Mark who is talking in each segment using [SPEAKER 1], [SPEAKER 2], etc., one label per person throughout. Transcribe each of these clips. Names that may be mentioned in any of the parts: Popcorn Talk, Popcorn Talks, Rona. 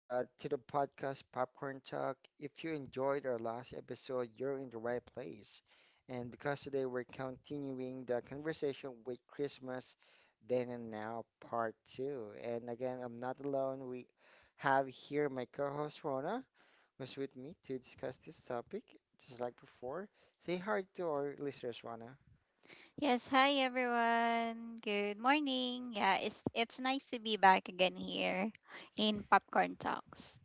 [SPEAKER 1] to the podcast Popcorn Talk. If you enjoyed our last episode, you're in the right place. And because today we're continuing the conversation with Christmas Then and Now Part 2. And again, I'm not alone. We have here my co-host Rona, who's with me to discuss this topic, just like before. Say hi to our listeners, Rona.
[SPEAKER 2] Yes, hi everyone. Good morning. Yeah, it's nice to be back again here in Popcorn Talks.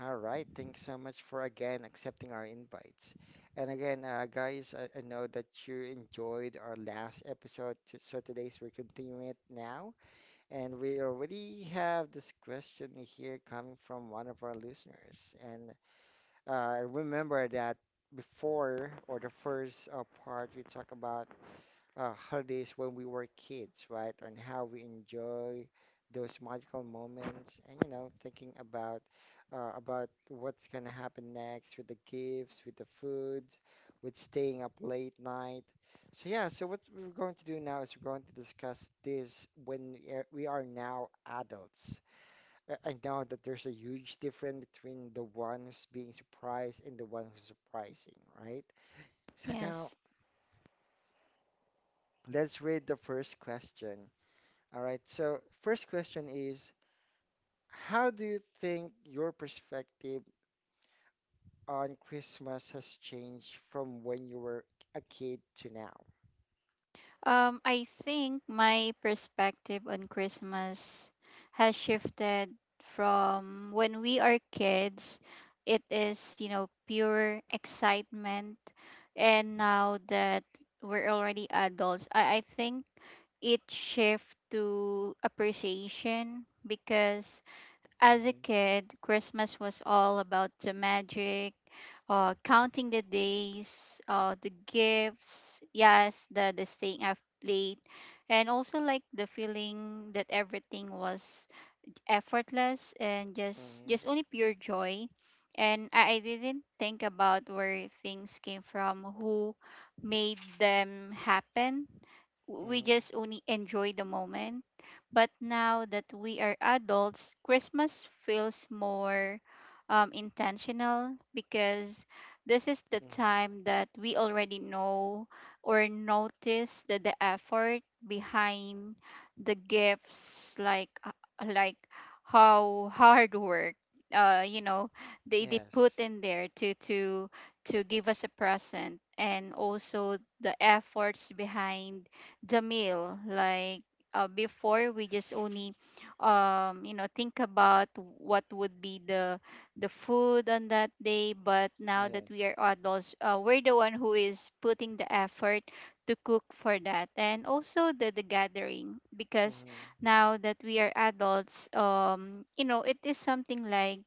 [SPEAKER 1] All right, thanks so much for again accepting our invites. And again, guys, I know that you enjoyed our last episode, so today's we're continuing it now. And we already have this question here coming from one of our listeners. And remember that before or the first part, we talk about holidays when we were kids, right? And how we enjoy those magical moments, and thinking about what's gonna happen next with the gifts, with the food, with staying up late night. So yeah, so what we're going to do now is we're going to discuss this when we are now adults. I know that there's a huge difference between the one who's being surprised and the one who's surprising, right? So now
[SPEAKER 2] Yes.
[SPEAKER 1] let's read the first question. All right, so first question is, how do you think your perspective on Christmas has changed from when you were a kid to now?
[SPEAKER 2] I think my perspective on Christmas has shifted from when we are kids, it is, you know, pure excitement, and now that we're already adults, I think it shift to appreciation because as a
[SPEAKER 1] Mm-hmm,
[SPEAKER 2] kid, Christmas was all about the magic, counting the days, the gifts, yes, the staying up late, and also like the feeling that everything was effortless and just
[SPEAKER 1] mm-hmm,
[SPEAKER 2] just only pure joy. And I didn't think about where things came from, who made them happen, we
[SPEAKER 1] mm-hmm,
[SPEAKER 2] just only enjoy the moment. But now that we are adults, Christmas feels more intentional because this is the
[SPEAKER 1] mm-hmm.
[SPEAKER 2] time that we already know or notice that the effort behind the gifts, like how hard work, you know, they put
[SPEAKER 1] Yes,
[SPEAKER 2] in there to give us a present, and also the efforts behind the meal, like before we just only you know think about what would be the food on that day, but now that we
[SPEAKER 1] yes,
[SPEAKER 2] are adults, we're the one who is putting the effort to cook for that, and also the gathering because
[SPEAKER 1] mm-hmm.
[SPEAKER 2] now that we are adults, you know, it is something like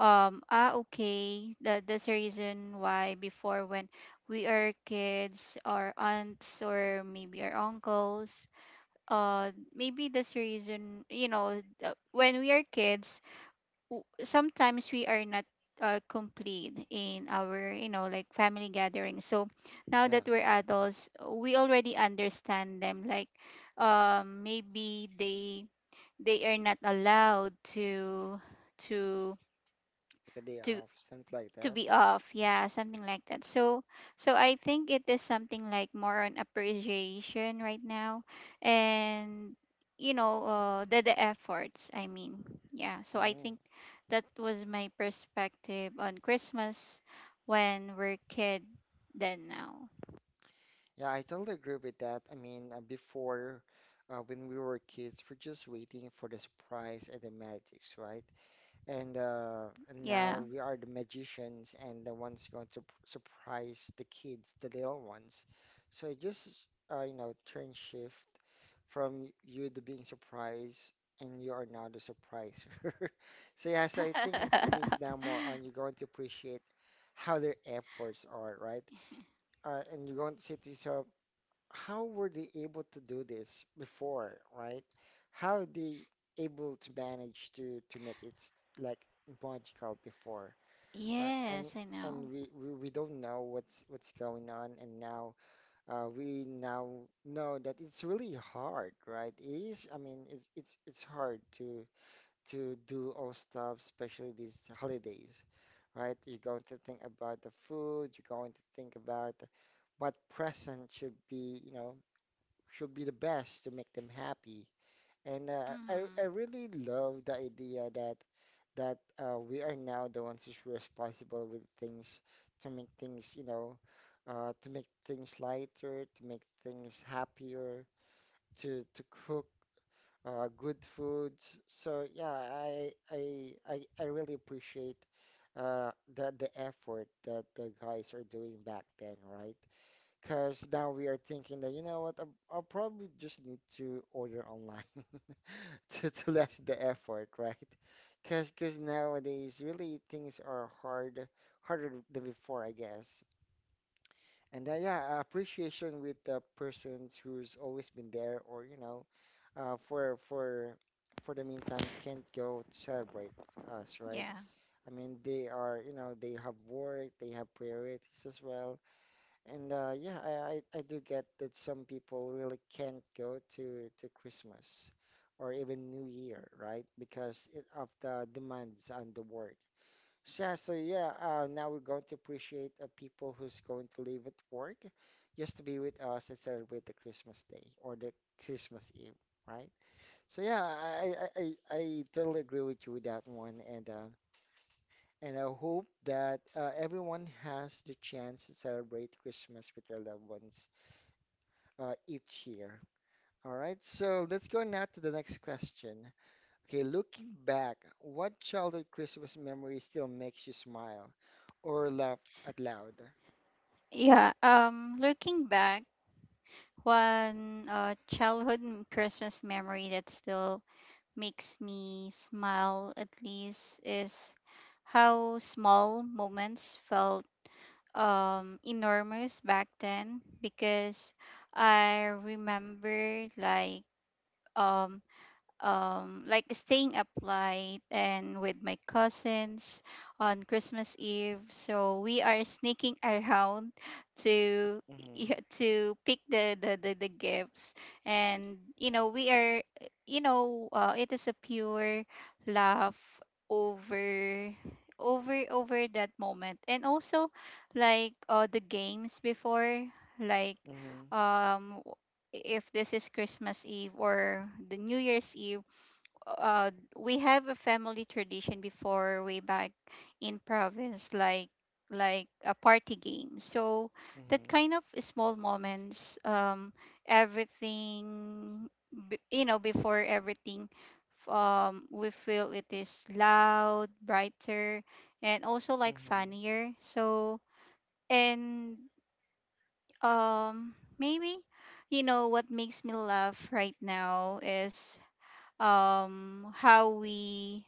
[SPEAKER 2] ah, okay, that's the reason why before when we are kids, our aunts or maybe our uncles. Maybe that's the reason, you know, when we are kids, sometimes we are not complete in our, you know, like family gatherings. So now
[SPEAKER 1] Yeah,
[SPEAKER 2] that we're adults, we already understand them. Like, maybe they are not allowed to
[SPEAKER 1] like a day
[SPEAKER 2] to
[SPEAKER 1] off, something like
[SPEAKER 2] to
[SPEAKER 1] that.
[SPEAKER 2] be off, yeah, something like that. So so I think it is something like more on appreciation right now, and you know, the efforts, I mean, yeah, so I
[SPEAKER 1] Mm.
[SPEAKER 2] think that was my perspective on Christmas when we're kid than now.
[SPEAKER 1] Yeah, I totally agree with that. I mean, before, when we were kids, we're just waiting for the surprise and the magics, right? And
[SPEAKER 2] Yeah.
[SPEAKER 1] now we are the magicians and the ones going to surprise the kids, the little ones. So it just you know, turn shift from you to being surprised, and you are now the surpriser. So yeah, so I think it is now more on you're going to appreciate how their efforts are, right? And you're going to say to yourself, how were they able to do this before, right? How they able to manage to make like magical before,
[SPEAKER 2] Yes,
[SPEAKER 1] and
[SPEAKER 2] I
[SPEAKER 1] and
[SPEAKER 2] know.
[SPEAKER 1] we, we we don't know what's going on, and now we now know that it's really hard, right? It is, I mean, it's hard to do all stuff, especially these holidays, right? You're going to think about the food, you're going to think about what present should be, you know, should be the best to make them happy. And I
[SPEAKER 2] Hmm.
[SPEAKER 1] I really love the idea that we are now the ones who's responsible with things to make things, you know, to make things lighter, to make things happier, to cook good foods. So yeah, I really appreciate the effort that the guys are doing back then, right? Because now we are thinking that, you know what, I'll probably just need to order online to lessen the effort, right? Because nowadays, really, things are hard, harder than before, I guess. And yeah, appreciation with the persons who's always been there, or you know, uh, for for for the meantime, can't go to celebrate with us, right?
[SPEAKER 2] Yeah,
[SPEAKER 1] I mean, they are, you know, they have work, they have priorities as well and yeah, I do get that some people really can't go to Christmas or even New Year, right? Because it, of the demands on the work. So, yeah, so yeah, now we're going to appreciate people who's going to leave at work just to be with us and celebrate the Christmas Day or the Christmas Eve, right? So yeah, I totally agree with you with that one, and I hope that everyone has the chance to celebrate Christmas with their loved ones each year. All right, so let's go now to the next question. Okay, looking back, what childhood Christmas memory still makes you smile or laugh out loud?
[SPEAKER 2] yeah. Looking back, one childhood Christmas memory that still makes me smile, at least, is how small moments felt enormous back then because I remember um, like staying up late and with my cousins on Christmas Eve. So we are sneaking around to,
[SPEAKER 1] Mm-hmm,
[SPEAKER 2] yeah, to pick the gifts. And, you know, we are, you know, it is a pure laugh over over that moment, and also like the games before, like
[SPEAKER 1] mm-hmm,
[SPEAKER 2] um if this is Christmas Eve or the New Year's Eve, uh we have a family tradition before, way back in province, like a party game. So that
[SPEAKER 1] mm-hmm,
[SPEAKER 2] kind of small moments, everything, you know, before everything, we feel it is loud, brighter, and also like
[SPEAKER 1] mm-hmm.
[SPEAKER 2] funnier. So and maybe you know what makes me laugh right now is how we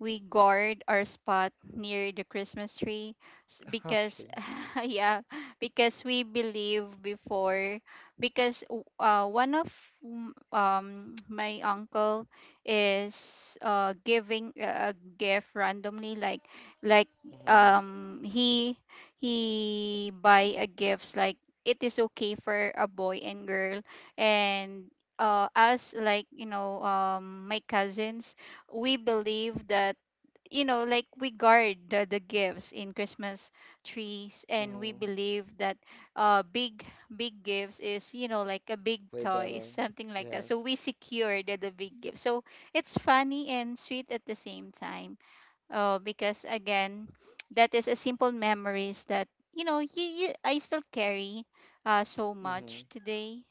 [SPEAKER 2] we guard our spot near the Christmas tree, because
[SPEAKER 1] Okay.
[SPEAKER 2] yeah, because we believe before because one of my uncle is giving a gift randomly, like
[SPEAKER 1] Mm-hmm,
[SPEAKER 2] um he he buy a gifts like it is okay for a boy and girl. And us, like, you know, my cousins, we believe that, you know, like we guard the gifts in Christmas trees, and we
[SPEAKER 1] mm-hmm.
[SPEAKER 2] believe that uh big big gifts is, you know, like a big
[SPEAKER 1] Way
[SPEAKER 2] toy,
[SPEAKER 1] better.
[SPEAKER 2] something like that. So
[SPEAKER 1] Yes.
[SPEAKER 2] we secure the big gift. So it's funny and sweet at the same time, because again that is a simple memories that, you know, you I still carry so
[SPEAKER 1] Mm-hmm.
[SPEAKER 2] much today.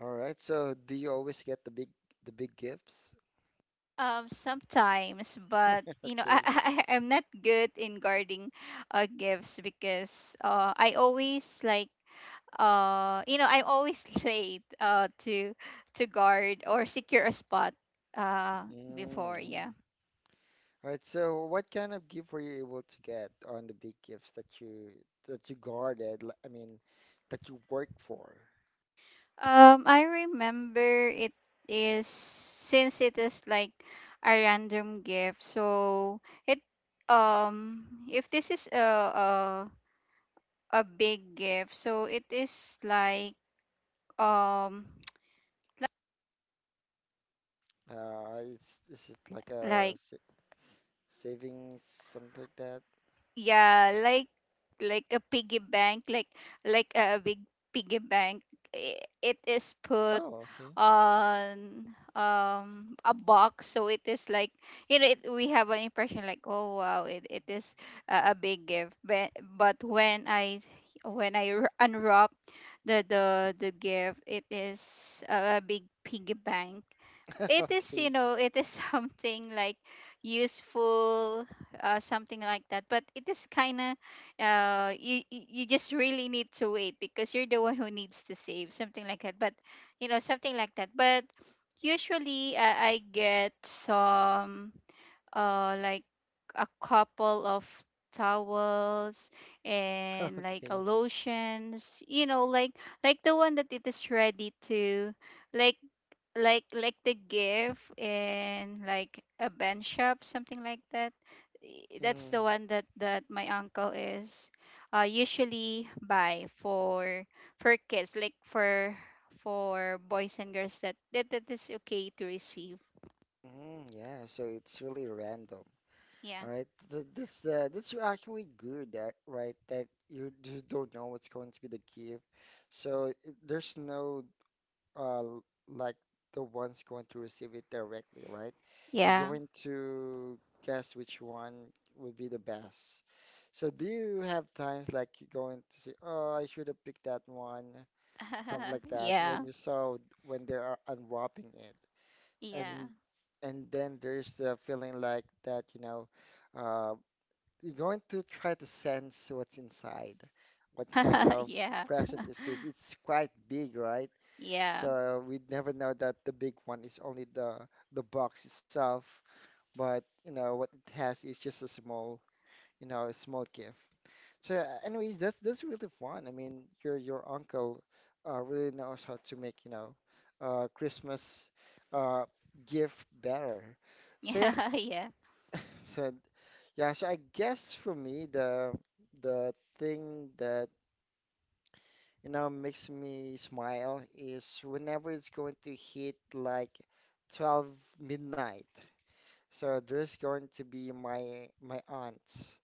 [SPEAKER 1] All right, so do you always get the big gifts?
[SPEAKER 2] Sometimes, but you know, I,
[SPEAKER 1] Okay.
[SPEAKER 2] I I'm not good in guarding gifts because I always like, you know, I'm always late to guard or secure a spot
[SPEAKER 1] Mm.
[SPEAKER 2] before, yeah.
[SPEAKER 1] All right, so what kind of gift were you able to get on the big gifts that you guarded? I mean, that you worked for.
[SPEAKER 2] I remember it is since it is like a random gift, so it um if this is a big gift, so it is like um
[SPEAKER 1] It's is it like a
[SPEAKER 2] like,
[SPEAKER 1] sa savings something like that?
[SPEAKER 2] yeah, like a piggy bank, like a big piggy bank. It is put
[SPEAKER 1] Oh, okay,
[SPEAKER 2] on a box, so it is like, you know, it, we have an impression like, oh wow, it is a big gift, but when I unwrap the gift, it is a big piggy bank. It is, you
[SPEAKER 1] okay,
[SPEAKER 2] know, it is something like useful, something like that, but it is kind of you you just really need to wait because you're the one who needs to save, something like that, but you know, something like that. But usually, I get some like a couple of towels and like a
[SPEAKER 1] okay.
[SPEAKER 2] lotions, you know, like the one that it is ready to, like like the gift in like a bench shop, something like that. That's the
[SPEAKER 1] Mm,
[SPEAKER 2] one that that my uncle is usually buy for kids, like for boys and girls, that that, that is okay to receive.
[SPEAKER 1] mm, yeah. So it's really random.
[SPEAKER 2] Yeah,
[SPEAKER 1] All right, th this that's actually good, right? That you don't know what's going to be the gift, so it, there's no uh, like the ones going to receive it directly, right? You're
[SPEAKER 2] yeah.
[SPEAKER 1] going to guess which one would be the best. So do you have times like you're going to say, "Oh, I should have picked that one," something like that,
[SPEAKER 2] Yeah,
[SPEAKER 1] when you saw when they are unwrapping it,
[SPEAKER 2] yeah.
[SPEAKER 1] and and then there's the feeling like that, you know, uh, you're going to try to sense what's inside, what kind of
[SPEAKER 2] Yeah,
[SPEAKER 1] present is this? It's quite big, right?
[SPEAKER 2] yeah.
[SPEAKER 1] So we never know that the big one is only the box itself, but you know what it has is just a small, you know, a small gift. So yeah, anyways, that's really fun. I mean, your uncle really knows how to make, you know, Christmas uh, gift better. So yeah,
[SPEAKER 2] Yeah, yeah.
[SPEAKER 1] so yeah, so I guess for me the thing that you know, makes me smile is whenever it's going to hit like 12 midnight. So there's going to be my aunts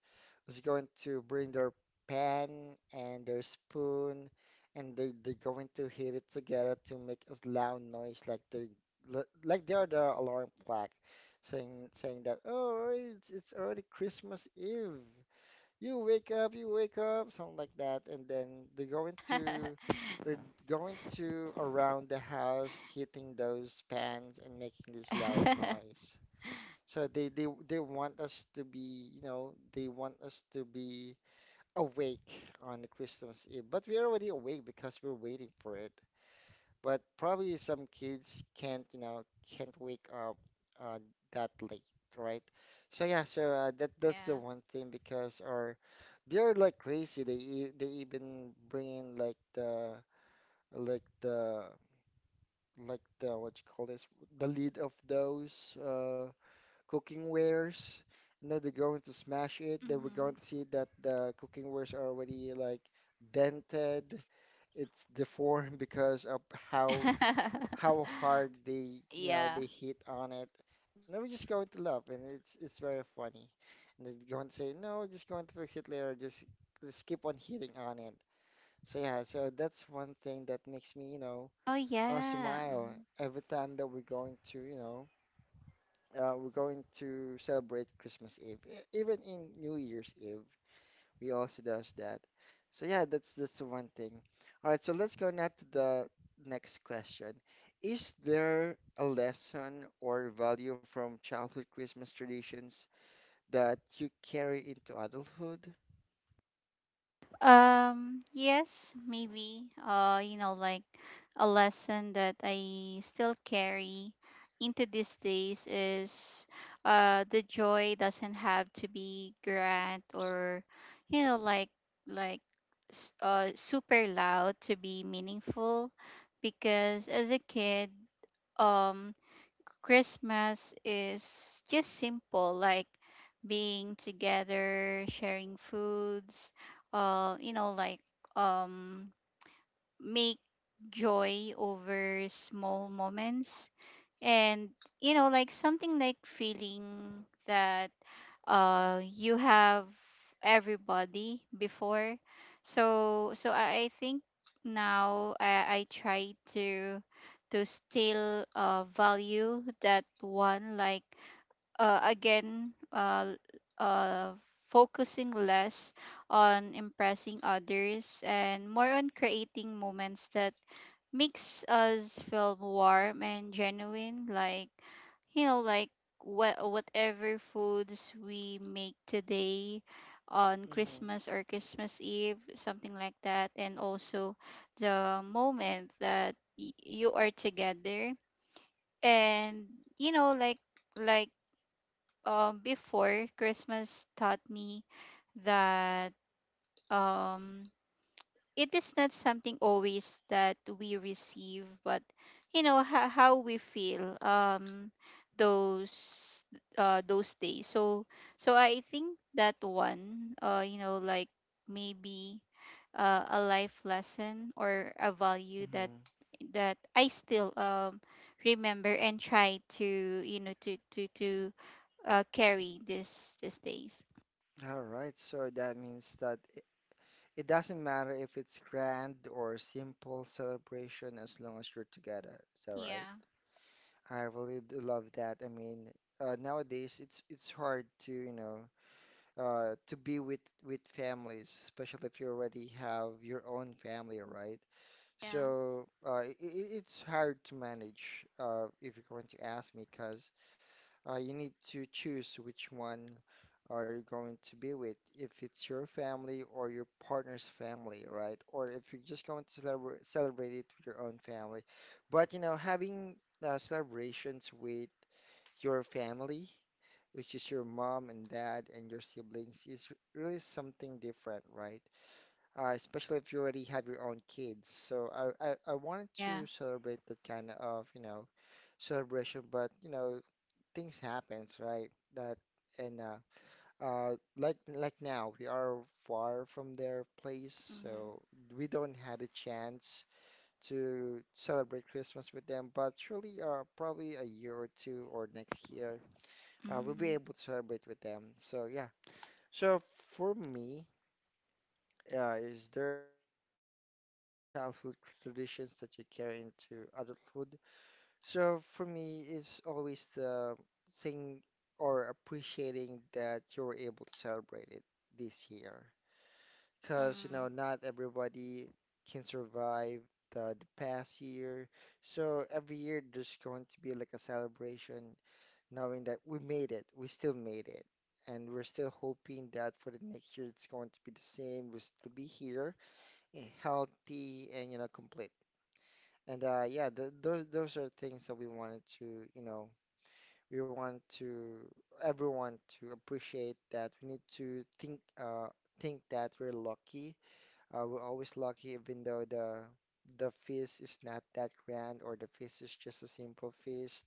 [SPEAKER 1] who's going to bring their pan and their spoon and they're going to hit it together to make a loud noise like they like they're the alarm clock saying that oh it's already Christmas Eve you wake up, something like that, and then they're going to they're around the house hitting those pans and making this loud noise. So they want us to be, you know, they want us to be awake on the Christmas Eve, but we're already awake because we're waiting for it but probably some kids can't, you know, can't wake up uh, that late, right? So yeah, so that that's the
[SPEAKER 2] Yeah.
[SPEAKER 1] one thing because our they're like crazy. They they even bring in like the like the like the what you call this the lid of those cooking wares. You know, they're going to smash it. They were
[SPEAKER 2] Hmm.
[SPEAKER 1] going to see that the cooking wares are already like dented. It's deformed because of how how hard they, you know,
[SPEAKER 2] Yeah.
[SPEAKER 1] they hit on it. And then we're just going to love, and it's very funny. And they go and say, no, just going to fix it later. Just keep on hitting on it. So yeah, so that's one thing that makes me, you know,
[SPEAKER 2] Oh yeah.
[SPEAKER 1] smile
[SPEAKER 2] Mhm.
[SPEAKER 1] every time that we're going to, you know, we're going to celebrate Christmas Eve, even in New Year's Eve. We also does that. So yeah, that's the one thing. All right, so let's go now to the next question. Is there a lesson or value from childhood Christmas traditions that you carry into adulthood?
[SPEAKER 2] Yes, maybe, you know, like a lesson that I still carry into these days is the joy doesn't have to be grand or, you know, like super loud to be meaningful because as a kid um Christmas is just simple, like being together, sharing foods, you know, like um, make joy over small moments, and you know like something like feeling that you have everybody before. So I think now I try to still value that one, like again uh focusing less on impressing others and more on creating moments that makes us feel warm and genuine, like, you know, like whatever foods we make today on
[SPEAKER 1] Mm-hmm.
[SPEAKER 2] Christmas or Christmas Eve, something like that, and also the moment that you are together, and you know, like before Christmas taught me that um it is not something always that we receive, but you know how we feel those those days. So I think that one, you know, like maybe a life lesson or a value that
[SPEAKER 1] Mm-hmm.
[SPEAKER 2] that I still remember and try to, you know, to carry this these days.
[SPEAKER 1] All right, so that means that it doesn't matter if it's grand or simple celebration as long as you're together. Is that right?
[SPEAKER 2] Yeah.
[SPEAKER 1] I really do love that. I mean, nowadays it's hard to, you know, to be with families, especially if you already have your own family, right?
[SPEAKER 2] Yeah.
[SPEAKER 1] So I it's hard to manage if you're going to ask me, because you need to choose which one are you going to be with, if it's your family or your partner's family, right? Or if you're just going to celebrate it with your own family. But you know, having celebrations with your family which is your mom and dad and your siblings, is really something different, right? Especially if you already have your own kids. So I wanted
[SPEAKER 2] Yeah.
[SPEAKER 1] to celebrate that kind of, you know, celebration, but you know, things happens, right? That and like now we are far from their place,
[SPEAKER 2] Mm-hmm.
[SPEAKER 1] so we don't had a chance to celebrate Christmas with them. But surely, probably a year or two or next year we'll be able to celebrate with them. So yeah. So for me, is there a lesson or value from childhood traditions that you carry into adulthood? So for me, it's always the thing or appreciating that you were able to celebrate it this year,
[SPEAKER 2] Mm.
[SPEAKER 1] because you know not everybody can survive the past year. So every year there's going to be like a celebration knowing that we made it, we still made it. And we're still hoping that for the next year it's going to be the same. We'll still be here, healthy and complete. And yeah, th those are things that we wanted to, we want to everyone to appreciate that we need to think that we're lucky. We're always lucky even though the feast is not that grand, or the feast is just a simple feast,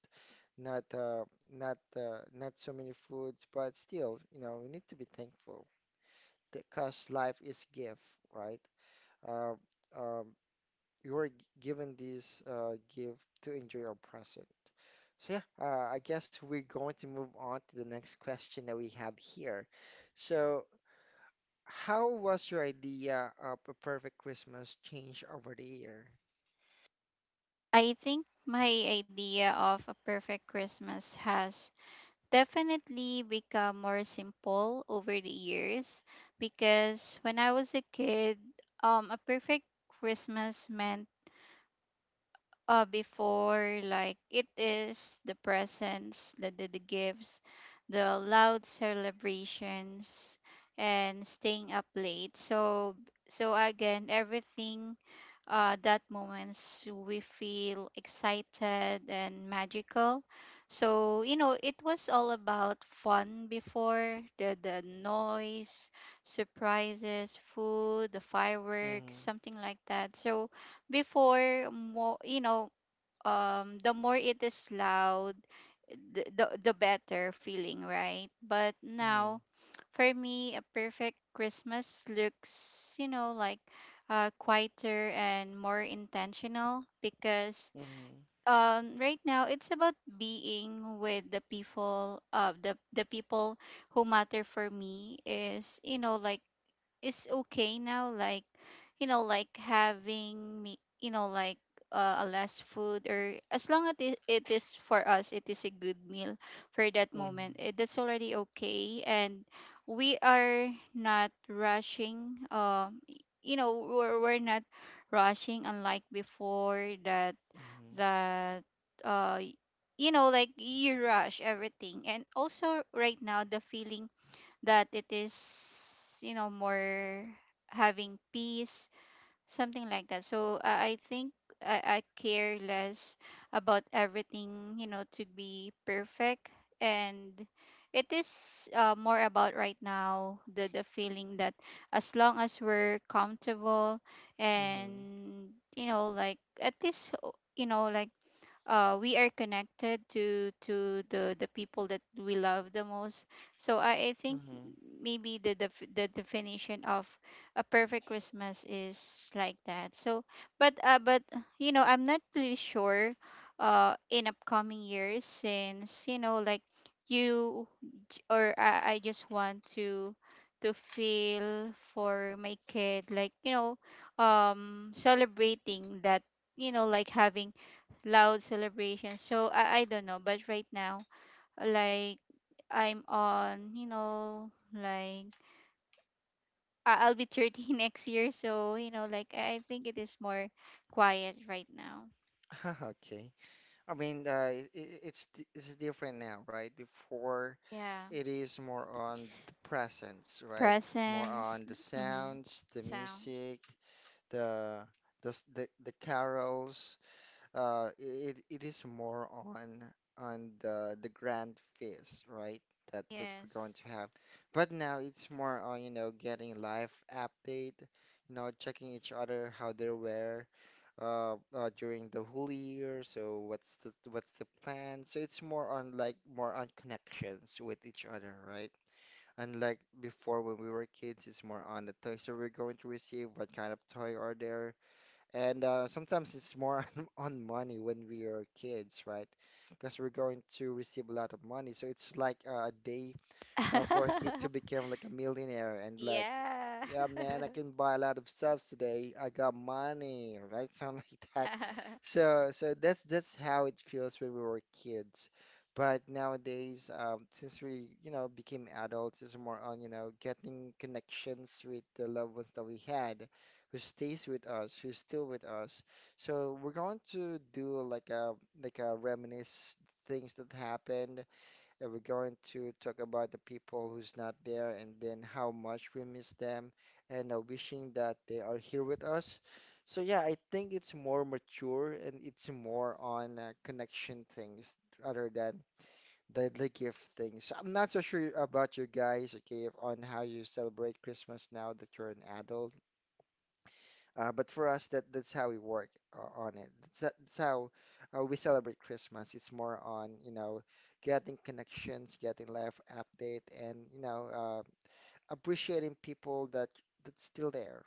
[SPEAKER 1] not uh, not so many foods, but still, you know, we need to be thankful because life is gift, right? Uh, um, you were given this gift to enjoy our present. So yeah, I guess we're going to move on to the next question that we have here. Yeah. So, how was your idea of a perfect Christmas change over the year?
[SPEAKER 2] I think my idea of a perfect Christmas has definitely become more simple over the years because when I was a kid, a perfect Christmas meant, before, like it is the presents, the gifts, the loud celebrations, and staying up late. So so again, everything, that moments we feel excited and magical. So, you know, it was all about fun before, the noise, surprises, food, the fireworks,
[SPEAKER 1] Mhm,
[SPEAKER 2] something like that. So before, more, you know, the more it is loud, the better feeling, right? But
[SPEAKER 1] mhm,
[SPEAKER 2] now for me a perfect Christmas looks, you know, like quieter and more intentional because
[SPEAKER 1] mhm,
[SPEAKER 2] right now it's about being with the people of the people who matter for me, is, you know, like is okay now, like, you know, like having me, you know, like a less food, or as long as it, it is for us it is a good meal for that moment,
[SPEAKER 1] mhm,
[SPEAKER 2] it, that's already okay. And we are not rushing, you know, we're not rushing, unlike before that that uh y- you know, like you rush everything. And also right now the feeling that it is, you know, more having peace, something like that. So, I think I care less about everything, you know, to be perfect, and it is, more about right now the feeling that as long as we're comfortable,
[SPEAKER 1] mhm,
[SPEAKER 2] and you know, like, at least you know, like, we are connected to the people that we love the most. So I
[SPEAKER 1] mhm,
[SPEAKER 2] think
[SPEAKER 1] mhm.
[SPEAKER 2] maybe the, the definition of a perfect Christmas is like that. So but you know, I'm not really sure in upcoming years since, you know, like, you I just want to feel for my kid, like, you know, celebrating that, you know, like having loud celebration. So I don't know, but right now, like I'm on, you know, like I'll be 30 next year, so you know, like I think it is more quiet right now.
[SPEAKER 1] Okay. I mean, it's different now, right? Before
[SPEAKER 2] Yeah,
[SPEAKER 1] it is more on the presence, right? More
[SPEAKER 2] presence.
[SPEAKER 1] on the
[SPEAKER 2] Mm-hmm.
[SPEAKER 1] sounds, the
[SPEAKER 2] Sound,
[SPEAKER 1] music, the the carols. It is more on the grand feast, right? That that we're going
[SPEAKER 2] yes.
[SPEAKER 1] to have. But now it's more on, you know, getting live update, you know, checking each other how they were during the whole year. So what's the plan? So it's more on like more on connections with each other, right? Unlike before when we were kids, it's more on the toys that we're going to receive, what kind of toy are there, and sometimes it's more on money when we are kids, right? Because we're going to receive a lot of money. So it's like a day for a kid to become like a millionaire and like,
[SPEAKER 2] Yeah.
[SPEAKER 1] yeah, man, I can buy a lot of stuff today. I got money, right? Something like that. So, so that's how it feels when we were kids. But nowadays, since we, you know, became adults, it's more on, you know, getting connections with the loved ones that we had, who stays with us, who's still with us. So we're going to do like a reminisce things that happened that we're going to talk about the people who's not there and then how much we miss them, and wishing that they are here with us. So yeah, I think it's more mature, and it's more on connection things rather than the gift things. So I'm not so sure about you guys, okay, on how you celebrate Christmas now that you're an adult. But for us, that that's how we work on it. That's how we celebrate Christmas. It's more on, you know, getting connections, getting life update, and appreciating people that that's still there.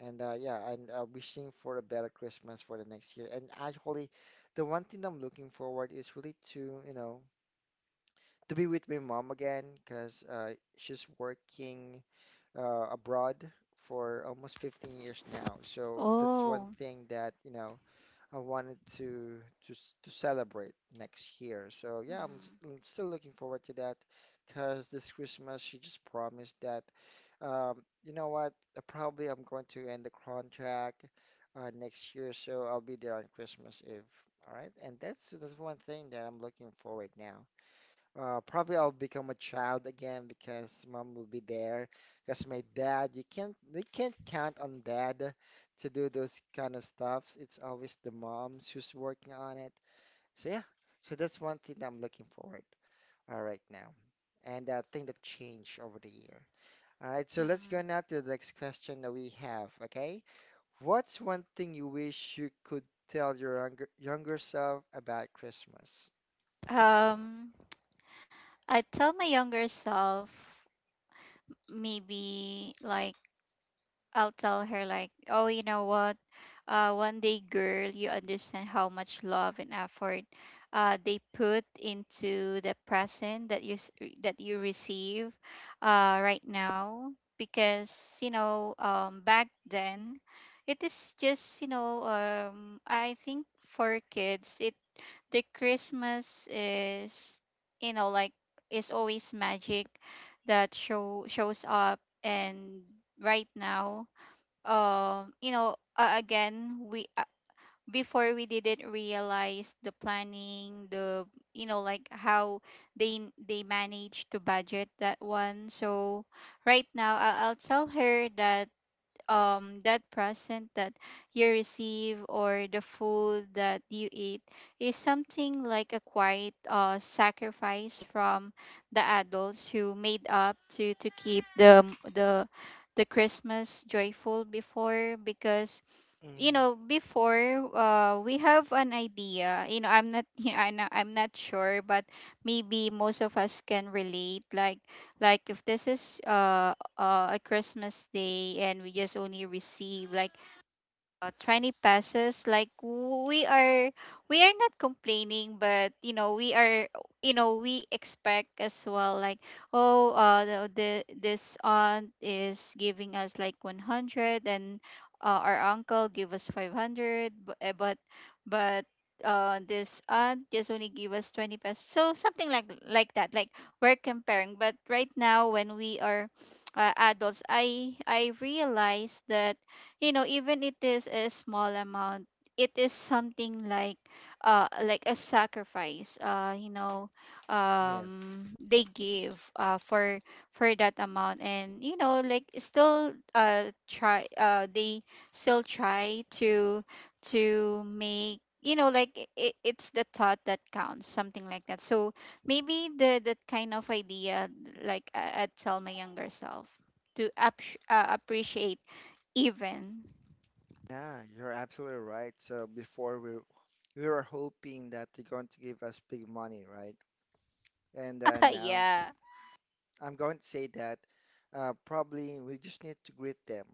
[SPEAKER 1] And wishing for a better Christmas for the next year. And actually, the one thing I'm looking forward is really to, you know, to be with my mom again, 'cause she's working abroad for almost 15 years now. So that's one
[SPEAKER 2] Oh.
[SPEAKER 1] thing that, you know, I wanted to to celebrate next year. So yeah,
[SPEAKER 2] Mm,
[SPEAKER 1] I'm still looking forward to that because this Christmas she just promised that you know what, probably I'm going to end the contract next year, so I'll be there on Christmas Eve. All right, and that's one thing that I'm looking forward now. Probably I'll become a child again because mom will be there. Because my dad, you can't count on dad to do those kind of stuffs. It's always the moms who's working on it. So yeah, so that's one thing that I'm looking forward right now, and thing that changed over the year. All right, so let's
[SPEAKER 2] mm.
[SPEAKER 1] go now to the next question that we have. Okay, what's one thing you wish you could tell your younger self about Christmas?
[SPEAKER 2] Um, I tell my younger self maybe like I'll tell her like, "Oh, you know what? One day, girl, you understand how much love and effort, they put into the present that you receive right now. Because back then, it is just I think for kids, it the Christmas is, you know like is always magic that shows up. And right now, again, we before we didn't realize the planning, the you know like how they manage to budget that one. So right now, I'll tell her that, that present that you receive or the food that you eat is something like a quiet, sacrifice from the adults who made up to keep the the Christmas joyful before. Because you
[SPEAKER 1] Mm,
[SPEAKER 2] know before, we have an idea. I'm not I'm not sure, but maybe most of us can relate, like if this is a Christmas day and we just only receive like, 20 pesos, like we are not complaining, but you know we are. We expect as well, like, "Oh, the this aunt is giving us like 100, and our uncle give us 500." But but this aunt just only give us 20 pesos, so something like that. Like, we're comparing, but right now when we are, adults, I realize that, you know, even it is a small amount, it is something like, like a sacrifice,
[SPEAKER 1] yes.
[SPEAKER 2] they give for that amount, and you know like still try they still try to make, you know, like, it's the thought that counts, something like that. So maybe the that kind of idea, like, I'd tell my younger self to appreciate, even
[SPEAKER 1] Yeah, you're absolutely right. So before we were hoping that they're going to give us big money, right? And now
[SPEAKER 2] yeah.
[SPEAKER 1] I'm going to say that probably we just need to greet them.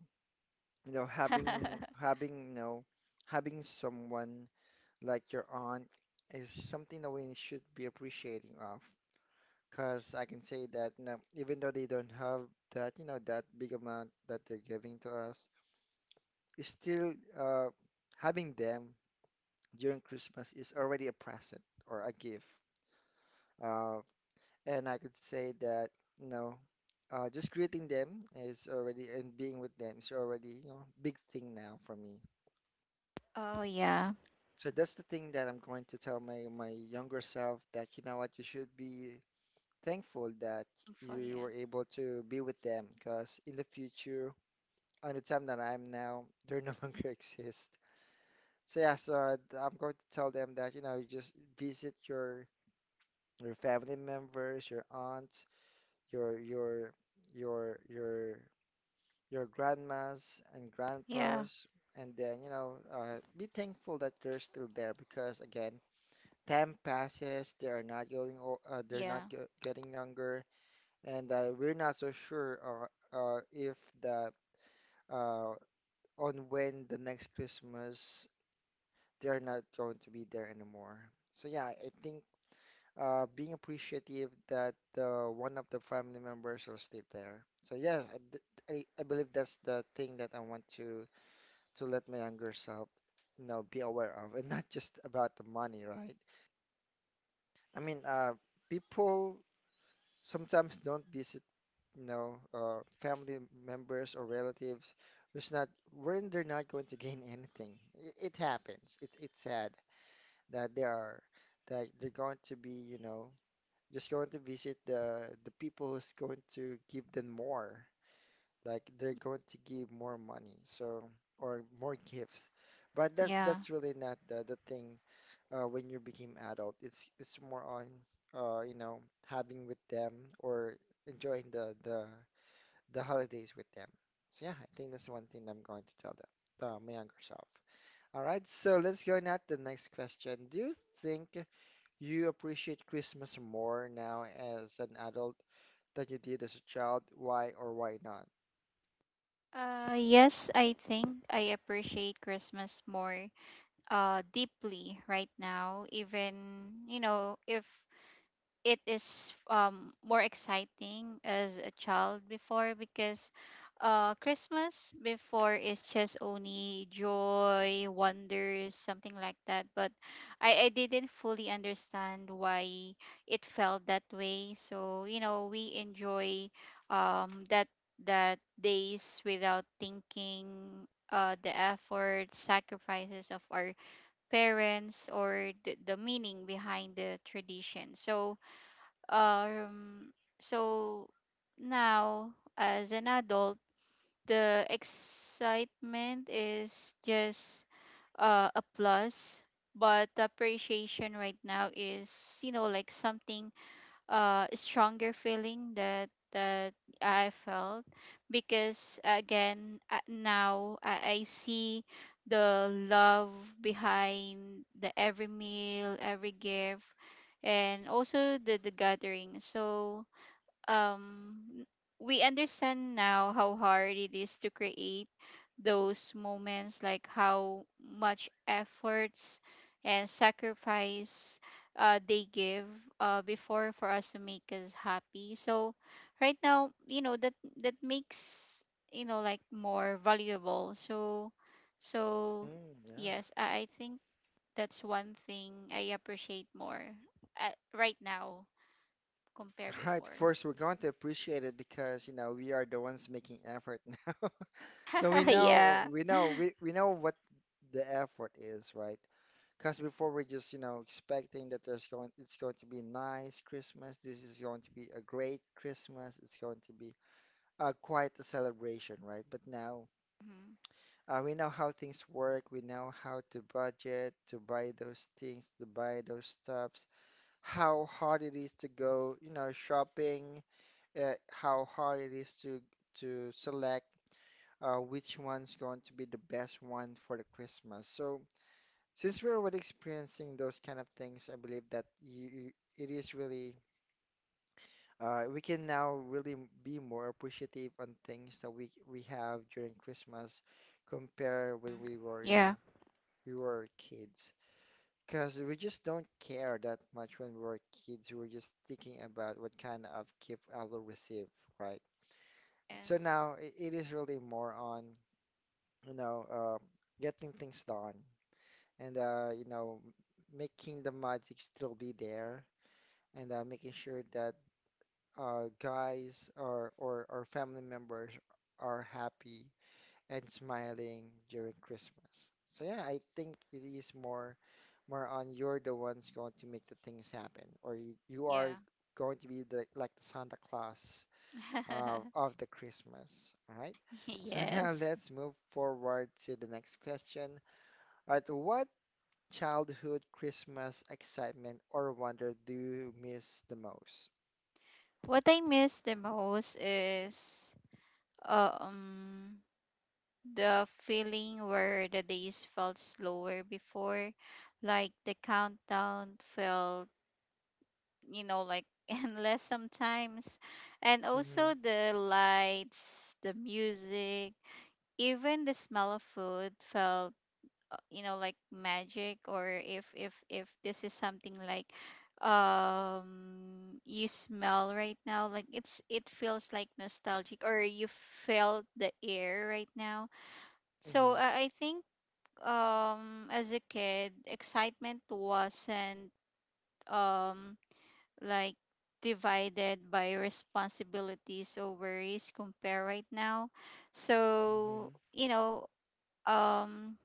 [SPEAKER 1] You know, having having someone like your aunt is something that we should be appreciating of. Because I can say that you know, even though they don't have that you know that big amount that they're giving to us, it's still having them during Christmas is already a present or a gift. Uh, and I could say that, you know, just greeting them is already, and being with them is already, you know, big thing now for me.
[SPEAKER 2] Oh, yeah.
[SPEAKER 1] So that's the thing that I'm going to tell my my younger self that, you know what, you should be thankful that
[SPEAKER 2] Thankful, yeah.
[SPEAKER 1] you were able to be with them because in the future, on the time that I'm now, they no longer exist. So yeah, so I'm going to tell them that, you know, you just visit your family members, your aunts, your your your your your grandmas and
[SPEAKER 2] Yeah.
[SPEAKER 1] grandpas, and then be thankful that they're still there because again, time passes. They are not going. They're
[SPEAKER 2] Yeah.
[SPEAKER 1] not getting younger, and we're not so sure if the uh, on when the next Christmas they're not going to be there anymore. So yeah, I think being appreciative that one of the family members will still there. So yeah, I believe that's the thing that I want to let my younger self, you know, be aware of, and not just about the money, right? I mean, people sometimes don't visit, you know, family members or relatives who's not when they're not going to gain anything. It happens. It, it's sad that they are that they're going to be, you know, just going to visit the people who's going to give them more. Like they're going to give more money, so or more gifts. But
[SPEAKER 2] Yeah.
[SPEAKER 1] that's really not the the thing when you became adult. It's more on you know having with them or enjoying the holidays with them. So yeah, I think that's one thing I'm going to tell them, my younger self. All right, so let's go now at the next question. Do you think you appreciate Christmas more now as an adult that you did as a child, why or why not?
[SPEAKER 2] Yes, I think I appreciate Christmas more, deeply right now, even you know, if it is, more exciting as a child before, because Christmas before is just only joy, wonders, something like that. But I didn't fully understand why it felt that way. So, you know, we enjoy, um that that days without thinking, the effort, sacrifices of our parents, or the meaning behind the tradition. So um, so now, as an adult, the excitement is just, a plus, but the appreciation right now is, you know, like something, stronger feeling that I felt, because again, now, I see the love behind the every meal, every gift, and also the gathering. So um we understand now how hard it is to create those moments, like how much efforts and sacrifice, they give, before for us to make us happy. So right now, you know, that makes, you know, like, more valuable. So
[SPEAKER 1] Mm, yeah.
[SPEAKER 2] yes, I think that's one thing I appreciate more, uh, right now compare
[SPEAKER 1] All right,
[SPEAKER 2] before.
[SPEAKER 1] first, we're going to appreciate it because, you know, we are the ones making effort now. So we know
[SPEAKER 2] Yeah.
[SPEAKER 1] we know we know what the effort is, right? Because before we're just, you know, expecting that there's going it's going to be nice Christmas, this is going to be a great Christmas, it's going to be quite a celebration, right? But now
[SPEAKER 2] Mhm.
[SPEAKER 1] we know how things work, we know how to budget, to buy those things, to buy those stuffs, how hard it is to go, you know, shopping, how hard it is to select which one's going to be the best one for the Christmas. So since we're already experiencing those kind of things, I believe that it is really we can now really be more appreciative on things that we have during Christmas compared when we were, you
[SPEAKER 2] Yeah.
[SPEAKER 1] know, we were kids. Because we just don't care that much when we were kids. We were just thinking about what kind of gift I will receive, right? So
[SPEAKER 2] Yes.
[SPEAKER 1] now it is really more on, you know, uh, getting things done, and, you know, making the magic still be there, and making sure that guys or family members are happy and smiling during Christmas. So yeah, I think it is more more on you're the ones going to make the things happen, or you are
[SPEAKER 2] Yeah.
[SPEAKER 1] going to be the like the Santa Claus of the Christmas. All right. So now
[SPEAKER 2] Yes.
[SPEAKER 1] let's move forward to the next question. All right, what childhood Christmas excitement or wonder do you miss the most?
[SPEAKER 2] What I miss the most is, um the feeling where the days felt slower before, like the countdown felt, you know, like endless sometimes, and
[SPEAKER 1] Mm-hmm.
[SPEAKER 2] also the lights, the music, even the smell of food felt, like magic. Or if this is something like, you smell right now, like it feels like nostalgic, or you felt the air right now. So
[SPEAKER 1] Mm-hmm.
[SPEAKER 2] I think, as a kid excitement wasn't, um like divided by responsibilities or worries compare right now.
[SPEAKER 1] Mm-hmm.
[SPEAKER 2] So you know, um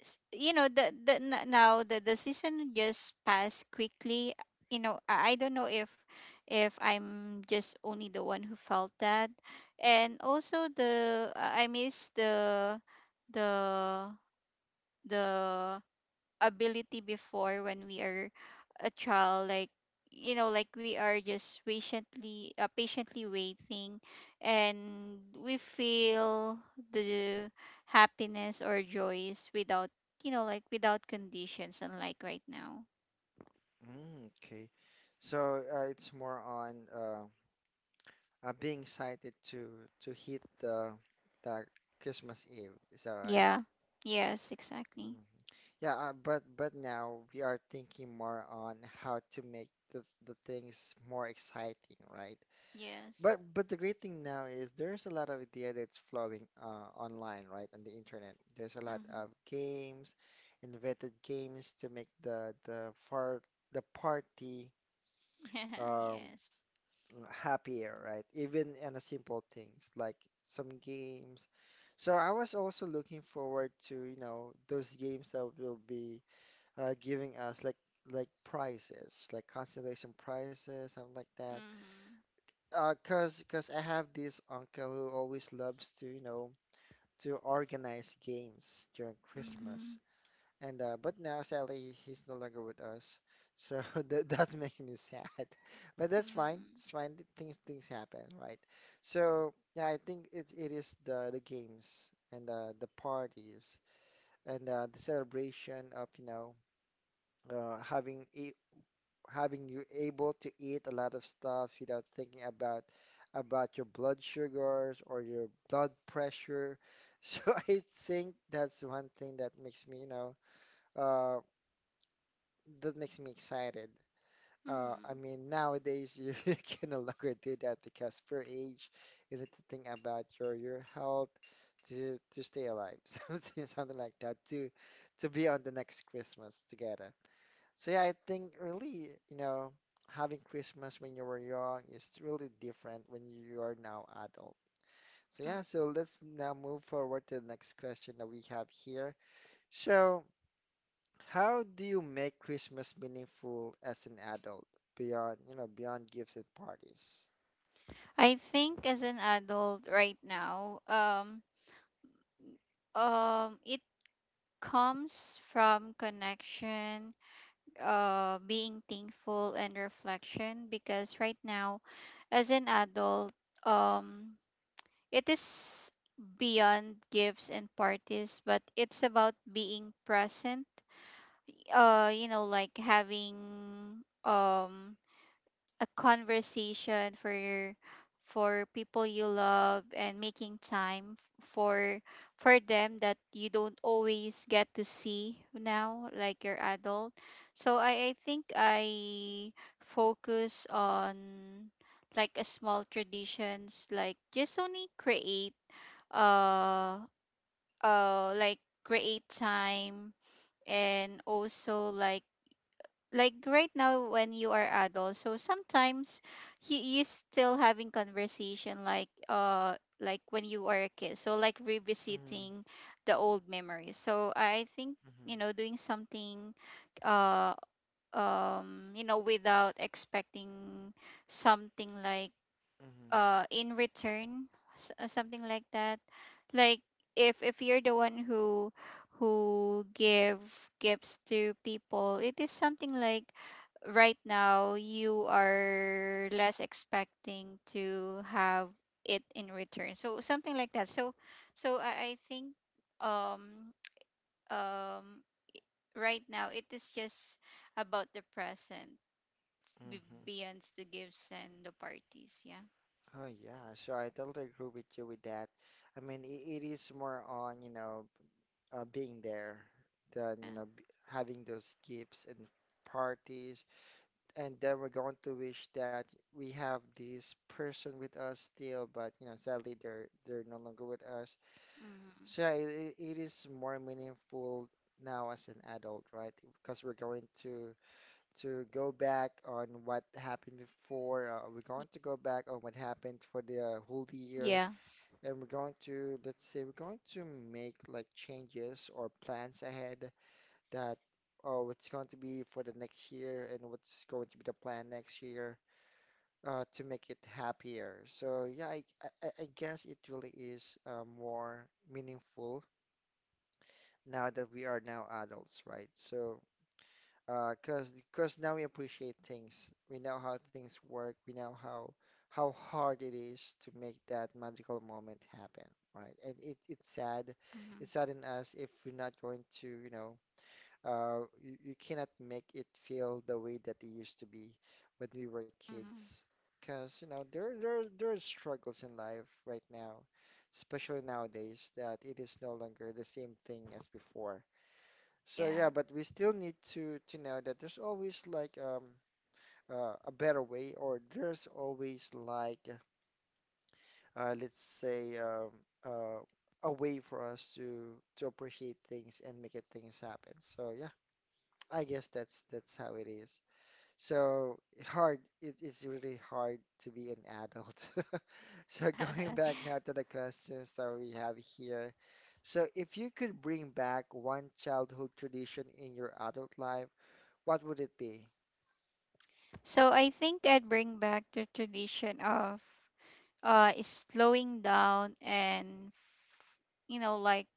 [SPEAKER 2] now the season just passed quickly. You know, I don't know if I'm just only the one who felt that. And also the I miss the the ability before when we are a child, like, you know, like, we are just patiently waiting, and we feel the happiness or joys without, you know, like, without conditions, unlike right now.
[SPEAKER 1] Mm, okay. So it's more on I'd be excited to hit the Christmas Eve. Is that right?
[SPEAKER 2] Yeah, yes, exactly.
[SPEAKER 1] Mm. Yeah, but now we are thinking more on how to make the things more exciting, right?
[SPEAKER 2] Yes.
[SPEAKER 1] But the great thing now is there's a lot of idea that's flowing online, right, on the internet. There's a lot
[SPEAKER 2] Mm-hmm.
[SPEAKER 1] of games, invented games to make the party
[SPEAKER 2] Yeah,
[SPEAKER 1] um,
[SPEAKER 2] yes.
[SPEAKER 1] happier, right? Even in a simple things like some games. So I was also looking forward to those games that will be giving us like prizes, like constellation prizes, something like that.
[SPEAKER 2] Mm-hmm.
[SPEAKER 1] Cause I have this uncle who always loves to, to organize games during Christmas.
[SPEAKER 2] Mm-hmm.
[SPEAKER 1] And but now sadly he's no longer with us, so that's making me sad. But that's fine.
[SPEAKER 2] Mm-hmm.
[SPEAKER 1] It's fine. Things happen, right? So yeah, I think it is the games and the parties and the celebration of uh, having e having you able to eat a lot of stuff without thinking about your blood sugars or your blood pressure. So I think that's one thing that makes me Uh, that makes me excited. I
[SPEAKER 2] Mm-hmm.
[SPEAKER 1] mean, nowadays you can no longer do that because per age, you need to think about your health to stay alive, something like that to be on the next Christmas together. So yeah, I think really, having Christmas when you were young is really different when you are now adult. So yeah, so let's now move forward to the next question that we have here. So, how do you make Christmas meaningful as an adult beyond, beyond gifts and parties?
[SPEAKER 2] I think as an adult right now, it comes from connection, being thankful and reflection, because right now, as an adult, um, it is beyond gifts and parties, but it's about being present. You know, like having, a conversation for people you love, and making time for them that you don't always get to see now, like you're adult. So I think I focus on like a small traditions, like just only create, uh uh like create time. And also like right now when you are adult, so sometimes you still having conversation, like, like when you are a kid, so like
[SPEAKER 1] Mm-hmm,
[SPEAKER 2] revisiting the old memories, so I think,
[SPEAKER 1] mm-hmm,
[SPEAKER 2] you know, doing something, uh you know, without expecting something, like, in return. Something like that, like, if you're the one who give gifts to people, it is something like right now you are less expecting to have it in return, so something like that. I think, um um right now it is just about the present,
[SPEAKER 1] mm-hmm, mm-hmm.
[SPEAKER 2] beyond the gifts and the parties, yeah.
[SPEAKER 1] Oh yeah, so I totally agree with you with that. I mean, it is more on, being there than,
[SPEAKER 2] Yeah.
[SPEAKER 1] b having those gifts and parties. And then we're going to wish that we have this person with us still, but you know, sadly they're no longer with us.
[SPEAKER 2] Mm-hmm.
[SPEAKER 1] So yeah, it is more meaningful now as an adult, right? Because we're going to go back on what happened before. We're going to go back on what happened for the whole year,
[SPEAKER 2] Yeah.
[SPEAKER 1] and we're going to, let's say, we're going to make like changes or plans ahead that oh, what's going to be for the next year and what's going to be the plan next year to make it happier. So yeah, I guess it really is more meaningful now that we are now adults, right? So, cause now we appreciate things. We know how things work. We know how hard it is to make that magical moment happen, right? And it's sad.
[SPEAKER 2] Hmm.
[SPEAKER 1] It's sad in us if we're not going to, you cannot make it feel the way that it used to be when we were
[SPEAKER 2] Hmm.
[SPEAKER 1] kids. Cause you know there are struggles in life right now, especially nowadays that it is no longer the same thing as before. So
[SPEAKER 2] Yeah.
[SPEAKER 1] yeah, but we still need to know that there's always like a better way, or there's always like let's say uh, a way for us to appreciate things and make it things happen. So yeah, I guess that's how it is. So hard, it is really hard to be an adult. So going back now to the questions that we have here. So if you could bring back one childhood tradition in your adult life, what would it be?
[SPEAKER 2] So I think I'd bring back the tradition of, slowing down and, you know, like,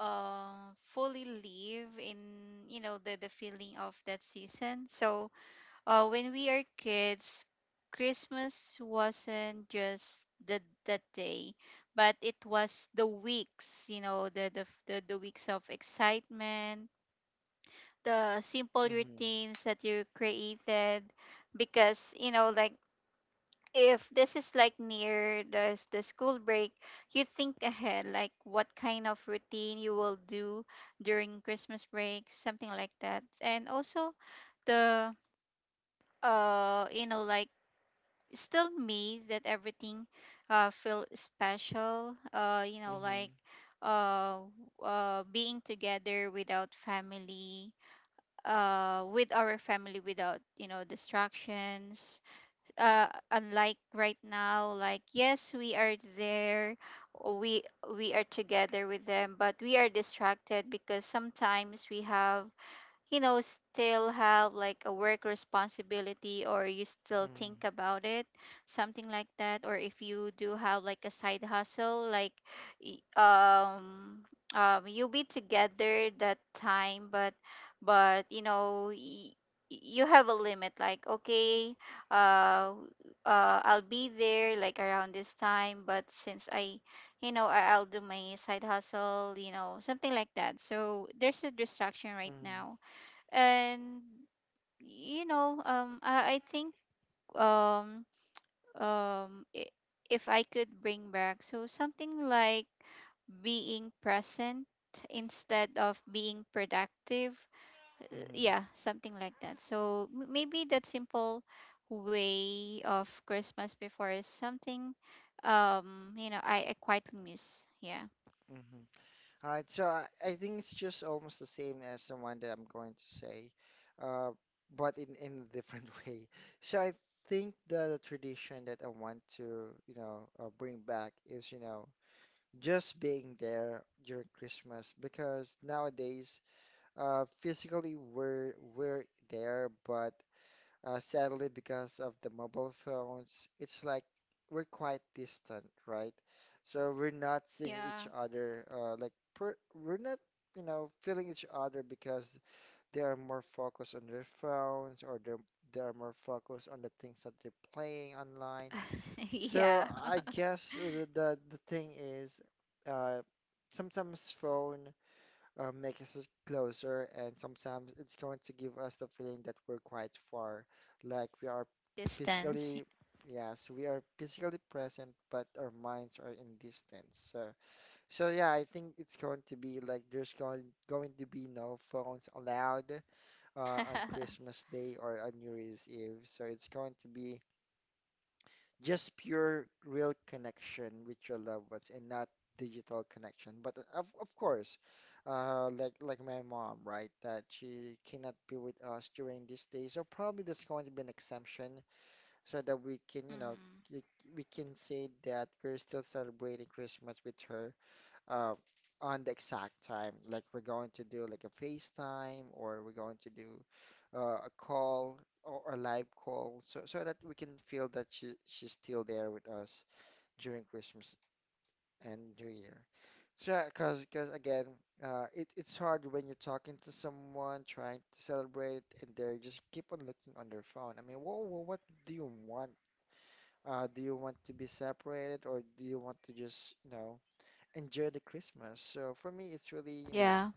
[SPEAKER 2] fully live in, you know, the feeling of that season. So when we are kids, Christmas wasn't just the that day, but it was the weeks, you know, the weeks of excitement, the simple
[SPEAKER 1] Mm-hmm.
[SPEAKER 2] routines that you created, because you know, like, if this is like near the school break, you think ahead like what kind of routine you will do during Christmas break, something like that, and also the you know, like, still me that everything, feel special,
[SPEAKER 1] Mm-hmm.
[SPEAKER 2] uh, being together without family with our family, without, you know, distractions, unlike right now, like, yes, we are there, we we are together with them, but we are distracted, because sometimes we have, you know, still have like a work responsibility, or you still
[SPEAKER 1] Mm-hmm.
[SPEAKER 2] think about it, something like that. Or if you do have like a side hustle, like, y- um you'll be together that time, but but you know y- you have a limit, like, "Okay, uh I'll be there like around this time, but since I, you know, I'll do my side hustle," you know, something like that. So there's a distraction right now. And you know, I think, um um i- if I could bring back so something like being present instead of being productive.
[SPEAKER 1] Mm-hmm.
[SPEAKER 2] Yeah, something like that. So maybe that simple way of Christmas before is something, you know, I quite miss, yeah.
[SPEAKER 1] Mm-hmm. All right, so I think it's just almost the same as the one that I'm going to say, uh, but in a different way. So I think the tradition that I want to, bring back is, you know, just being there during Christmas because nowadays, physically we're there, but sadly, because of the mobile phones, it's like we're quite distant, right? So we're not seeing
[SPEAKER 2] Yeah.
[SPEAKER 1] each other, like per we're not, you know, feeling each other because they are more focused on their phones or they are more focused on the things that they're playing online. So
[SPEAKER 2] Yeah.
[SPEAKER 1] I guess the thing is, uh, sometimes phone makes us closer, and sometimes it's going to give us the feeling that we're quite far, like we are
[SPEAKER 2] Distance.
[SPEAKER 1] physically, yes, we are physically present, but our minds are in distance. So, so yeah, I think it's going to be like there's going going to be no phones allowed on Christmas Day or on New Year's Eve. So it's going to be just pure real connection with your loved ones and not digital connection but of course like my mom right that she cannot be with us during these days. So probably there's going to be an exemption so that we can you know
[SPEAKER 2] Mhm.
[SPEAKER 1] we can say that we're still celebrating Christmas with her uh, on the exact time. Like we're going to do like a FaceTime or we're going to do a call or a live call so, so that we can feel that she's still there with us during Christmas and New Year. So, because again, it's hard when you're talking to someone trying to celebrate and they just keep on looking on their phone. I mean, whoa, what do you want? Do you want to be separated or do you want to just, you know, enjoy the Christmas. So for me, it's really, you know,
[SPEAKER 2] Yeah.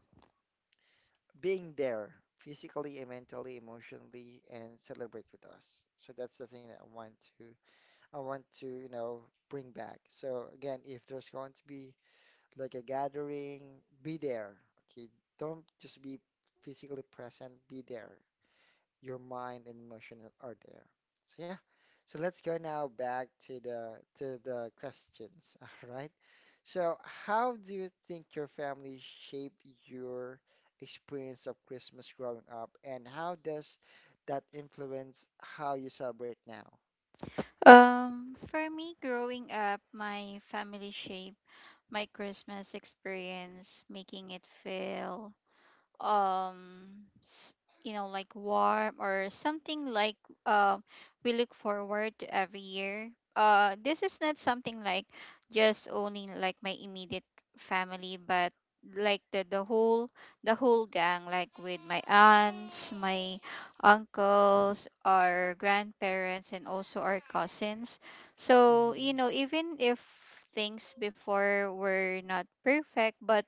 [SPEAKER 1] being there physically and mentally, emotionally, and celebrate with us. So that's the thing that I want to, you know, bring back. So again, if there's going to be like a gathering, be there. Okay, don't just be physically present, be there your mind and emotion are there. So yeah. So let's go now back to the questions. All right. So how do you think your family shaped your experience of Christmas growing up, and how does that influence how you celebrate now?
[SPEAKER 2] For me, growing up, my family shaped my Christmas experience, making it feel, um s- you know, like warm, or something like, uh, we look forward to every year. This is not something like just only like my immediate family, but like the whole gang, like with my aunts, my uncles, our grandparents, and also our cousins. So you
[SPEAKER 1] Mhm.
[SPEAKER 2] know, even if things before were not perfect, but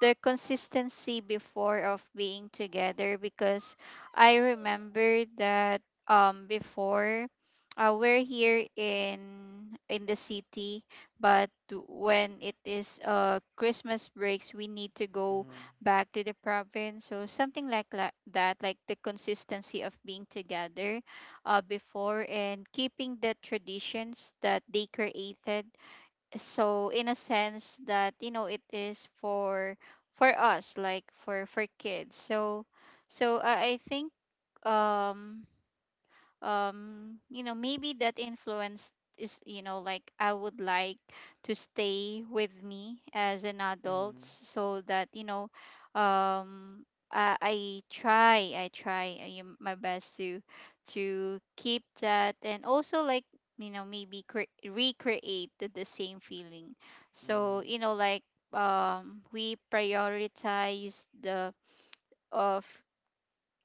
[SPEAKER 2] the consistency before of being together, because I remember that, before, we're here in the city, but when it is, Christmas breaks, we need to go
[SPEAKER 1] Mhm.
[SPEAKER 2] back to the province, so something like, that, like the consistency of being together, before, and keeping the traditions that they created, so in a sense that you know it is for us, like for kids. I think, um you know, maybe that influence is, you know, like, I would like to stay with me as an adult,
[SPEAKER 1] Mhm.
[SPEAKER 2] so that you know, um I try my best to keep that, and also like, you know, maybe recreate the same feeling, so
[SPEAKER 1] Mhm.
[SPEAKER 2] you know, like, we prioritize the of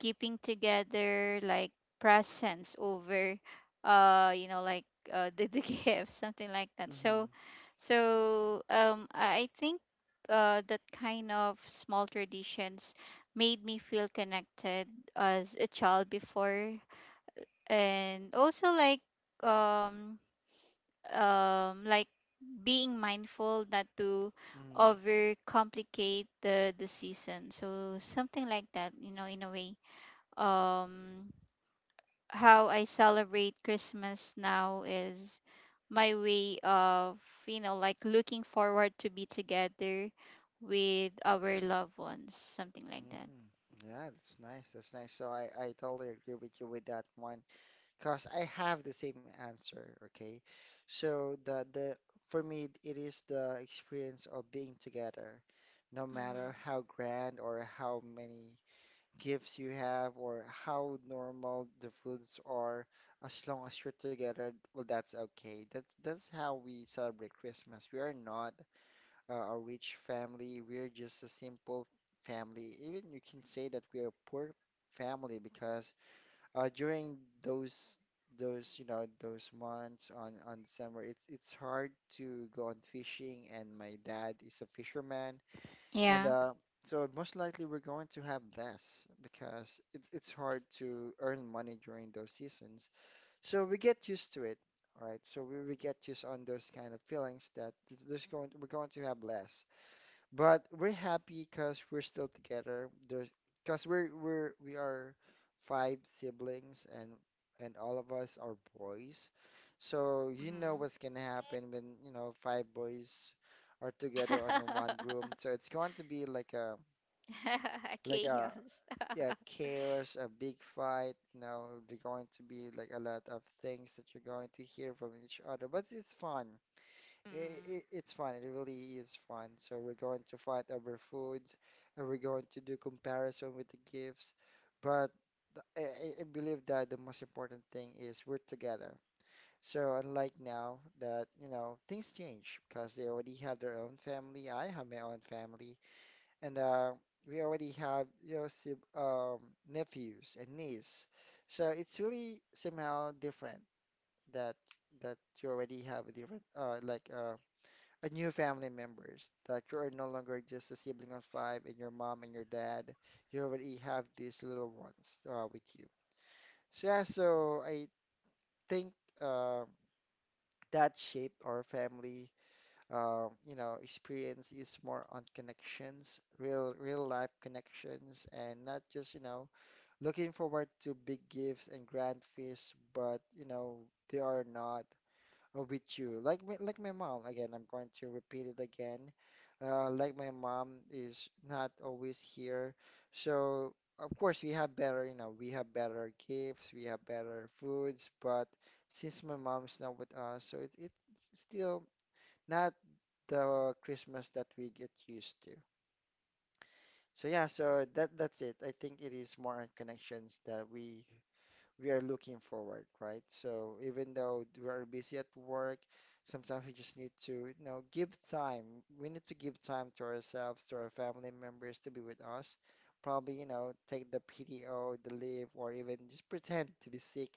[SPEAKER 2] keeping together, like presents over, you know, like, the gift, something like that. So
[SPEAKER 1] Mhm.
[SPEAKER 2] so I think, that kind of small traditions made me feel connected as a child before, and also like, um like being mindful not to
[SPEAKER 1] Mhm.
[SPEAKER 2] overcomplicate the season, so something like that, you know, in a way, um how I celebrate Christmas now is my way of, you know, like, looking forward to be together with our loved ones, something like that.
[SPEAKER 1] Mm, yeah, that's nice. That's nice. So I totally agree with you with that one. Because I have the same answer, okay? So the for me it is the experience of being together, no
[SPEAKER 2] Mm-hmm.
[SPEAKER 1] matter how grand or how many gifts you have or how normal the foods are, as long as you're together, well that's okay. That's how we celebrate Christmas. We are not a rich family. We're just a simple family. Even you can say that we are a poor family because during those you know those months on summer it's hard to go on fishing and my dad is a fisherman and
[SPEAKER 2] Yeah.
[SPEAKER 1] so most likely we're going to have less because it's hard to earn money during those seasons, so we get used to it, right? So we get used on those kind of feelings that th- there's going we're going to have less, but we're happy because we're still together. There's because we are five siblings and all of us are boys. So you know what's gonna happen when, you know, five boys are together on the one
[SPEAKER 2] Mm-hmm.
[SPEAKER 1] room. So it's going to be like a
[SPEAKER 2] Chaos.
[SPEAKER 1] yeah, chaos, a big fight, you know, there's going to be like a lot of things that you're going to hear from each other, but it's fun.
[SPEAKER 2] Mm.
[SPEAKER 1] It's fun. It really is fun. So we're going to fight over food, and we're going to do comparison with the gifts. But I believe that the most important thing is we're together. So unlike now that, you know, things change because they already have their own family. I have my own family, and we already have, you know, sib nephews and niece. So it's really somehow different that you already have a different, a new family members that you are no longer just a sibling of five and your mom and your dad, you already have these little ones with you. So yeah, so I think uh, that shaped our family experience is more on connections, real life connections, and not just you know looking forward to big gifts and grand feasts, but you know they are not with you. Like my mom, again, I'm going to repeat it again. Like my mom is not always here. So, of course, we have better, you know, we have better gifts, we have better foods, but since my mom's not with us, so it's still not the Christmas that we get used to. So yeah, so that's it. I think it is more on connections that we are looking forward, right? So even though we are busy at work, sometimes we just need to, you know, give time. We need to give time to ourselves, to our family members to be with us. Probably, you know, take the PTO, the leave, or even just pretend to be sick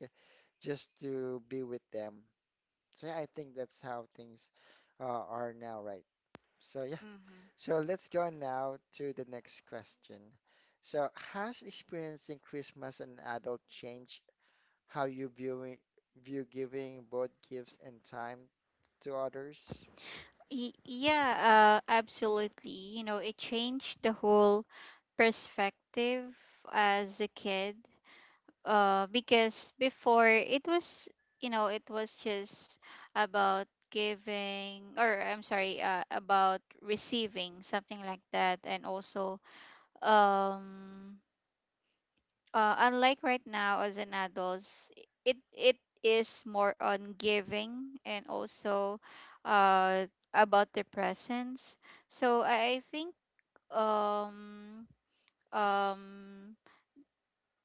[SPEAKER 1] just to be with them. So yeah, I think that's how things are now, right? So yeah,
[SPEAKER 2] Mm-hmm.
[SPEAKER 1] so let's go now to the next question. So has experiencing Christmas an adult changed how you viewing view giving both gifts and time to others?
[SPEAKER 2] Yeah, absolutely. You know, it changed the whole perspective as a kid because before it was it was just about giving, or I'm sorry, about receiving something like that. And also um unlike right now as an adults, it is more on giving and also uh about the presence. So I think um um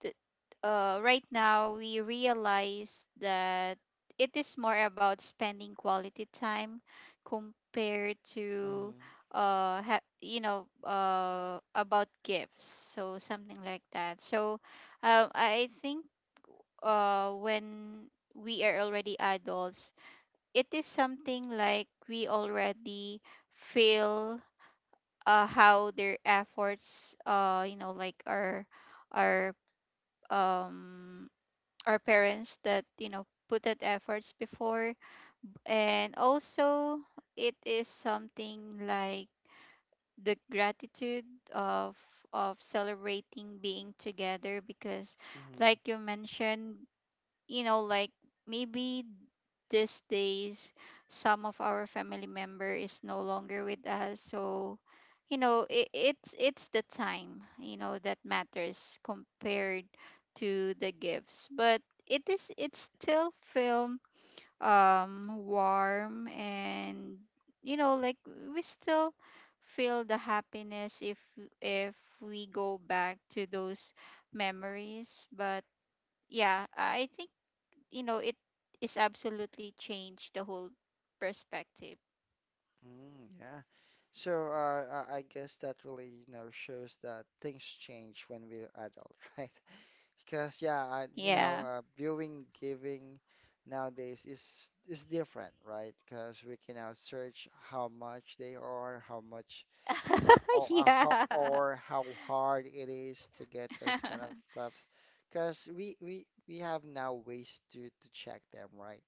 [SPEAKER 2] th- right now we realize that it is more about spending quality time compared to
[SPEAKER 1] Mm,
[SPEAKER 2] about gifts, so something like that. So I think when we are already adults, it is something like we already feel how their efforts, like, are um our parents that, you know, put that efforts before. And also it is something like the gratitude of celebrating being together. Because
[SPEAKER 1] mm,
[SPEAKER 2] like you mentioned, like, maybe these days some of our family member is no longer with us. So it's the time, you know, that matters compared to the gifts. But it is, it still feel warm, and, you know, like we still feel the happiness if if we go back to those memories. But yeah, I think, you know, it is absolutely changed the whole perspective.
[SPEAKER 1] yeah. So I guess that really, you know, shows that things change when we're adult, right? Because yeah, I, you know,
[SPEAKER 2] Yeah.
[SPEAKER 1] viewing, giving nowadays is different, right? Because we can now search how much they are, how much
[SPEAKER 2] Yeah.
[SPEAKER 1] or how hard it is to get those kind of stuffs. Because we have now ways to check them, right?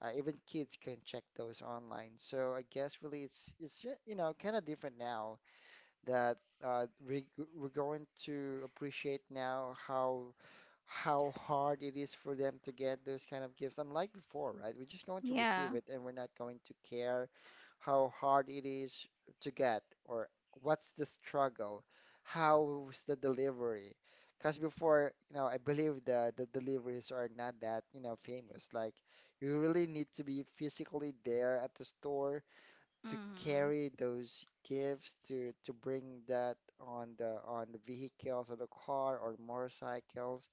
[SPEAKER 1] Even kids can check those online. So I guess really you know kind of different now that uh, we we're going to appreciate now how hard it is for them to get those kind of gifts. Unlike before, right? We're just going to
[SPEAKER 2] Yeah.
[SPEAKER 1] receive it and we're not going to care how hard it is to get or what's the struggle, how's the delivery. Because before, you know, I believe the deliveries are not that, you know, famous. Like you really need to be physically there at the store to
[SPEAKER 2] Mm-hmm.
[SPEAKER 1] carry those gifts to bring that on the vehicles or the car or motorcycles.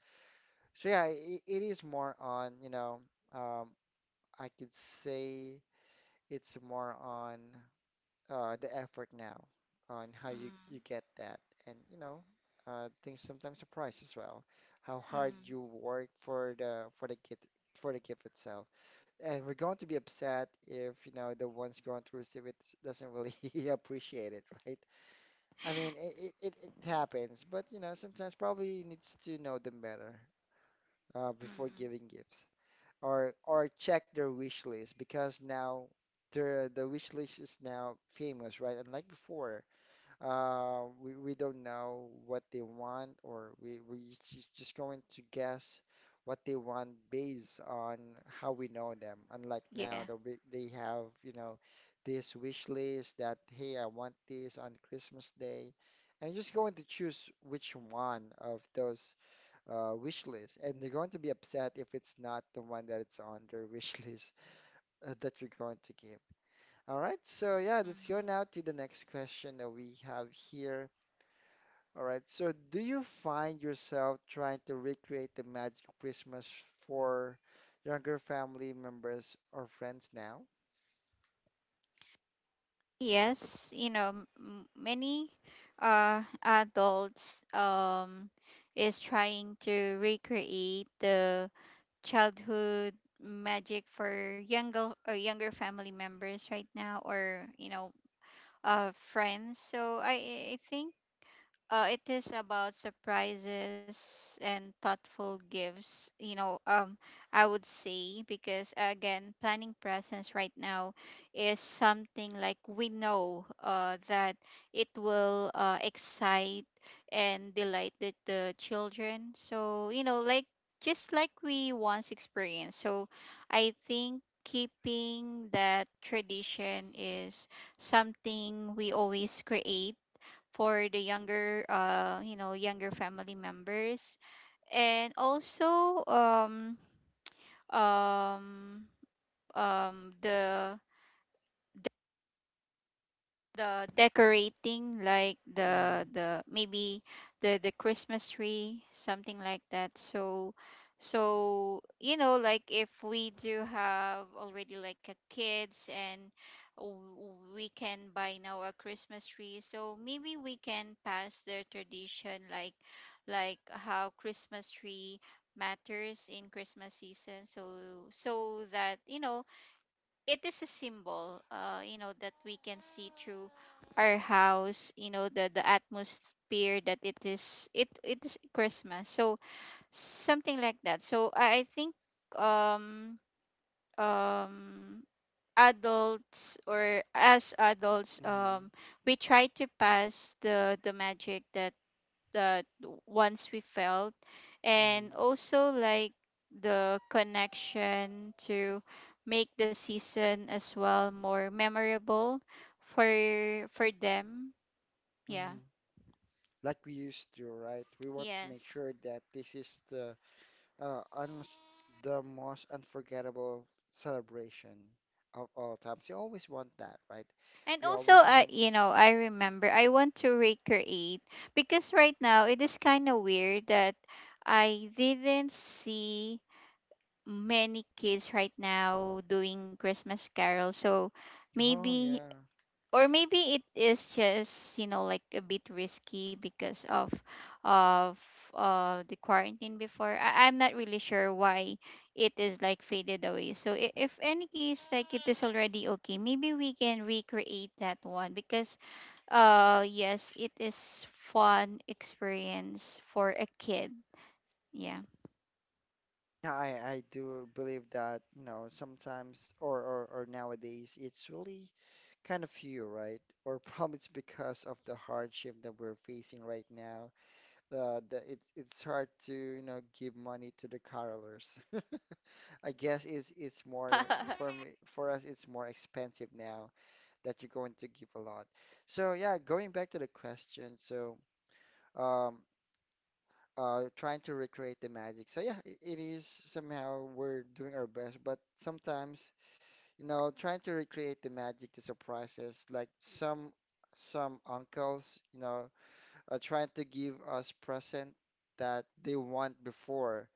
[SPEAKER 1] So yeah, it is more on, you know, um, I could say it's more on the effort now on how you get that and you know things sometimes surprise as well how hard
[SPEAKER 2] Mm-hmm.
[SPEAKER 1] you work for the gift itself and we're going to be upset if, you know, the one's going to receive it doesn't really appreciate it, right? I mean, it happens, but you know, sometimes probably needs to know them better before
[SPEAKER 2] Mm-hmm.
[SPEAKER 1] giving gifts or check their wish list because now the wish list is now famous, right? Unlike before, we don't know what they want, or we just going to guess what they want based on how we know them. Unlike now,
[SPEAKER 2] Yeah.
[SPEAKER 1] that we, they have, you know, this wish list that, hey, I want this on Christmas Day. And just going to choose which one of those wish lists. And they're going to be upset if it's not the one that it's on their wish list that you're going to give. All right, so yeah, let's go
[SPEAKER 2] Mm-hmm.
[SPEAKER 1] now to the next question that we have here. All right. So, do you find yourself trying to recreate the magic of Christmas for younger family members or friends now?
[SPEAKER 2] Yes, you know, many adults is trying to recreate the childhood magic for younger or younger family members right now, or, you know, friends. So I think it is about surprises and thoughtful gifts, you know, I would say. Because again, planning presents right now is something like we know that it will excite and delight the children. So, you know, like, just like we once experienced. So, I think keeping that tradition is something we always create for the younger, younger family members. And also um the decorating, like the
[SPEAKER 1] Mm-hmm.
[SPEAKER 2] the maybe the Christmas tree, something like that. So, so, you know, like, if we do have already like a kids, and we can buy now a Christmas tree, so maybe we can pass the tradition, like how Christmas tree matters in Christmas season. So, so that, you know, it is a symbol, you know, that we can see through our house, you know, the atmosphere, that it is, it is Christmas. So something like that. So I think, um um adults, or as adults,
[SPEAKER 1] Mm-hmm.
[SPEAKER 2] we try to pass the magic that that once we felt.
[SPEAKER 1] Mm-hmm.
[SPEAKER 2] And also, like, the connection to make the season as well more memorable for them. Yeah.
[SPEAKER 1] Mm-hmm. Like we used to, right? We want to make
[SPEAKER 2] Yes.
[SPEAKER 1] sure that this is the un the most unforgettable celebration of all times. You always want that, right?
[SPEAKER 2] And
[SPEAKER 1] We
[SPEAKER 2] also,
[SPEAKER 1] always
[SPEAKER 2] I
[SPEAKER 1] want.
[SPEAKER 2] you know, I remember I want to recreate, because right now it is kind of weird that I didn't see many kids right now doing Christmas carol. So
[SPEAKER 1] Oh
[SPEAKER 2] maybe,
[SPEAKER 1] yeah.
[SPEAKER 2] or maybe it is just, you know, like a bit risky because of of the quarantine before. I, I'm not really sure why it is like faded away. So if any case like it is already okay, maybe we can recreate that one, because yes, it is fun experience for a kid. Yeah.
[SPEAKER 1] Yeah, I do believe that, you know, sometimes or nowadays it's really kind of few, right? Or probably it's because of the hardship that we're facing right now. The it's hard to, you know, give money to the carolers. I guess it's more for me, for us it's more expensive now that you're going to give a lot. So yeah, going back to the question, so um trying to recreate the magic. So yeah, it is somehow we're doing our best, but sometimes you know, trying to recreate the magic to surprises, like some uncles, you know, are trying to give us present that they want before,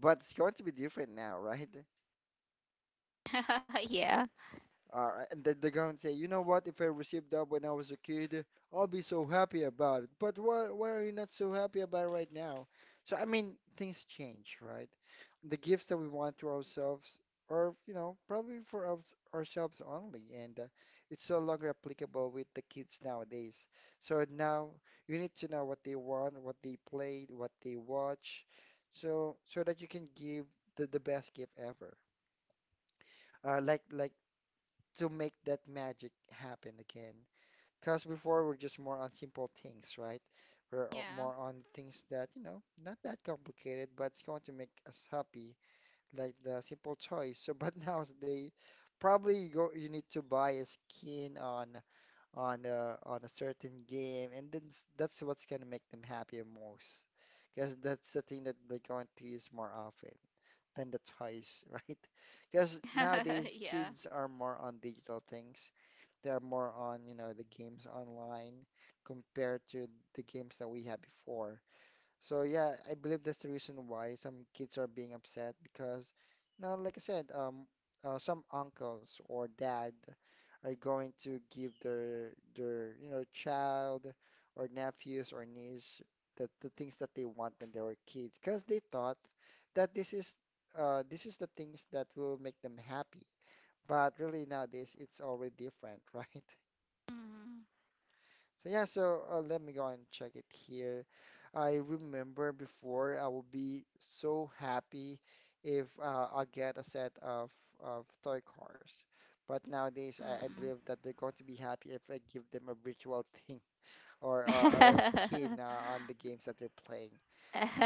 [SPEAKER 1] but it's going to be different now, right?
[SPEAKER 2] Yeah.
[SPEAKER 1] And then they're going to say, you know what? If I received that when I was a kid, I'll be so happy about it. But why are you not so happy about it right now? So, I mean, things change, right? The gifts that we want to ourselves are, you know, probably for ourselves only. And it's no longer applicable with the kids nowadays. So now you need to know what they want, what they played, what they watch, so that you can give the best gift ever. Like to make that magic happen again. Because before we're just more on simple things, right?
[SPEAKER 2] Yeah.
[SPEAKER 1] More on things that, you know, not that complicated, but it's going to make us happy, like the simple toys. So, but nowadays, probably you need to buy a skin on a certain game, and then that's what's gonna make them happy most. Because that's the thing that they're going to use more often than the toys, right? Because nowadays
[SPEAKER 2] Yeah.
[SPEAKER 1] kids are more on digital things they're more on, you know, the games online compared to the games that we had before. So yeah, I believe that's the reason why some kids are being upset because, now, like I said, some uncles or dad are going to give their you know child or nephews or niece the things that they want when they were kids because they thought that this is the things that will make them happy. But really nowadays it's already different, right?
[SPEAKER 2] Mm.
[SPEAKER 1] So yeah, so let me go and check it here. I remember before I would be so happy if I get a set of toy cars, but nowadays I believe that they're going to be happy if I give them a virtual thing or a skin on the games that they're playing.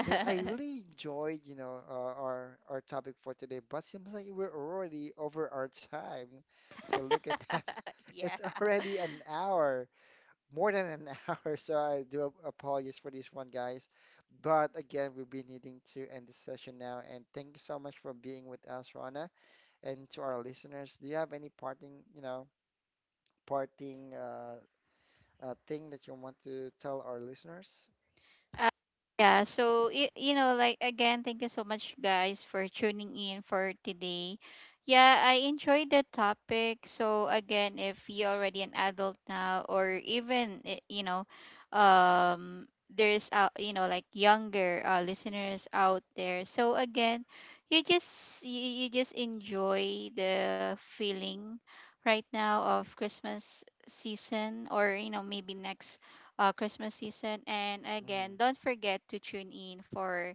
[SPEAKER 1] So yeah, I really enjoyed, you know, our topic for today, but seems like we're already over our time. So look at that.
[SPEAKER 2] Yeah.
[SPEAKER 1] It's already an hour more than an hour, so I do apologize for this one, guys. But again, we'll be needing to end the session now. And thank you so much for being with us, Rana, and to our listeners. Do you have any parting, you know, parting thing that you want to tell our listeners?
[SPEAKER 2] Uh, yeah. So, you know, like, again, thank you so much, guys, for tuning in for today. Yeah, I enjoyed the topic. So, again, if you're already an adult now, or even, eh, you know, there's, you know, like younger listeners out there. So, again, you just you just enjoy the feeling right now of Christmas season, or, you know, maybe next Christmas season. And
[SPEAKER 1] Mhm,
[SPEAKER 2] again, don't forget to tune in for,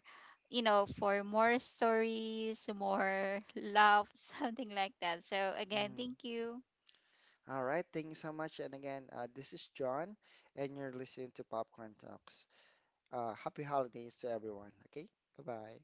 [SPEAKER 2] you know, for more stories, more love, something like that. So, again,
[SPEAKER 1] mhm.
[SPEAKER 2] thank you.
[SPEAKER 1] All right, thank you so much. And again, this is John, and you're listening to Popcorn Talks. Happy holidays to everyone. Okay, bye bye.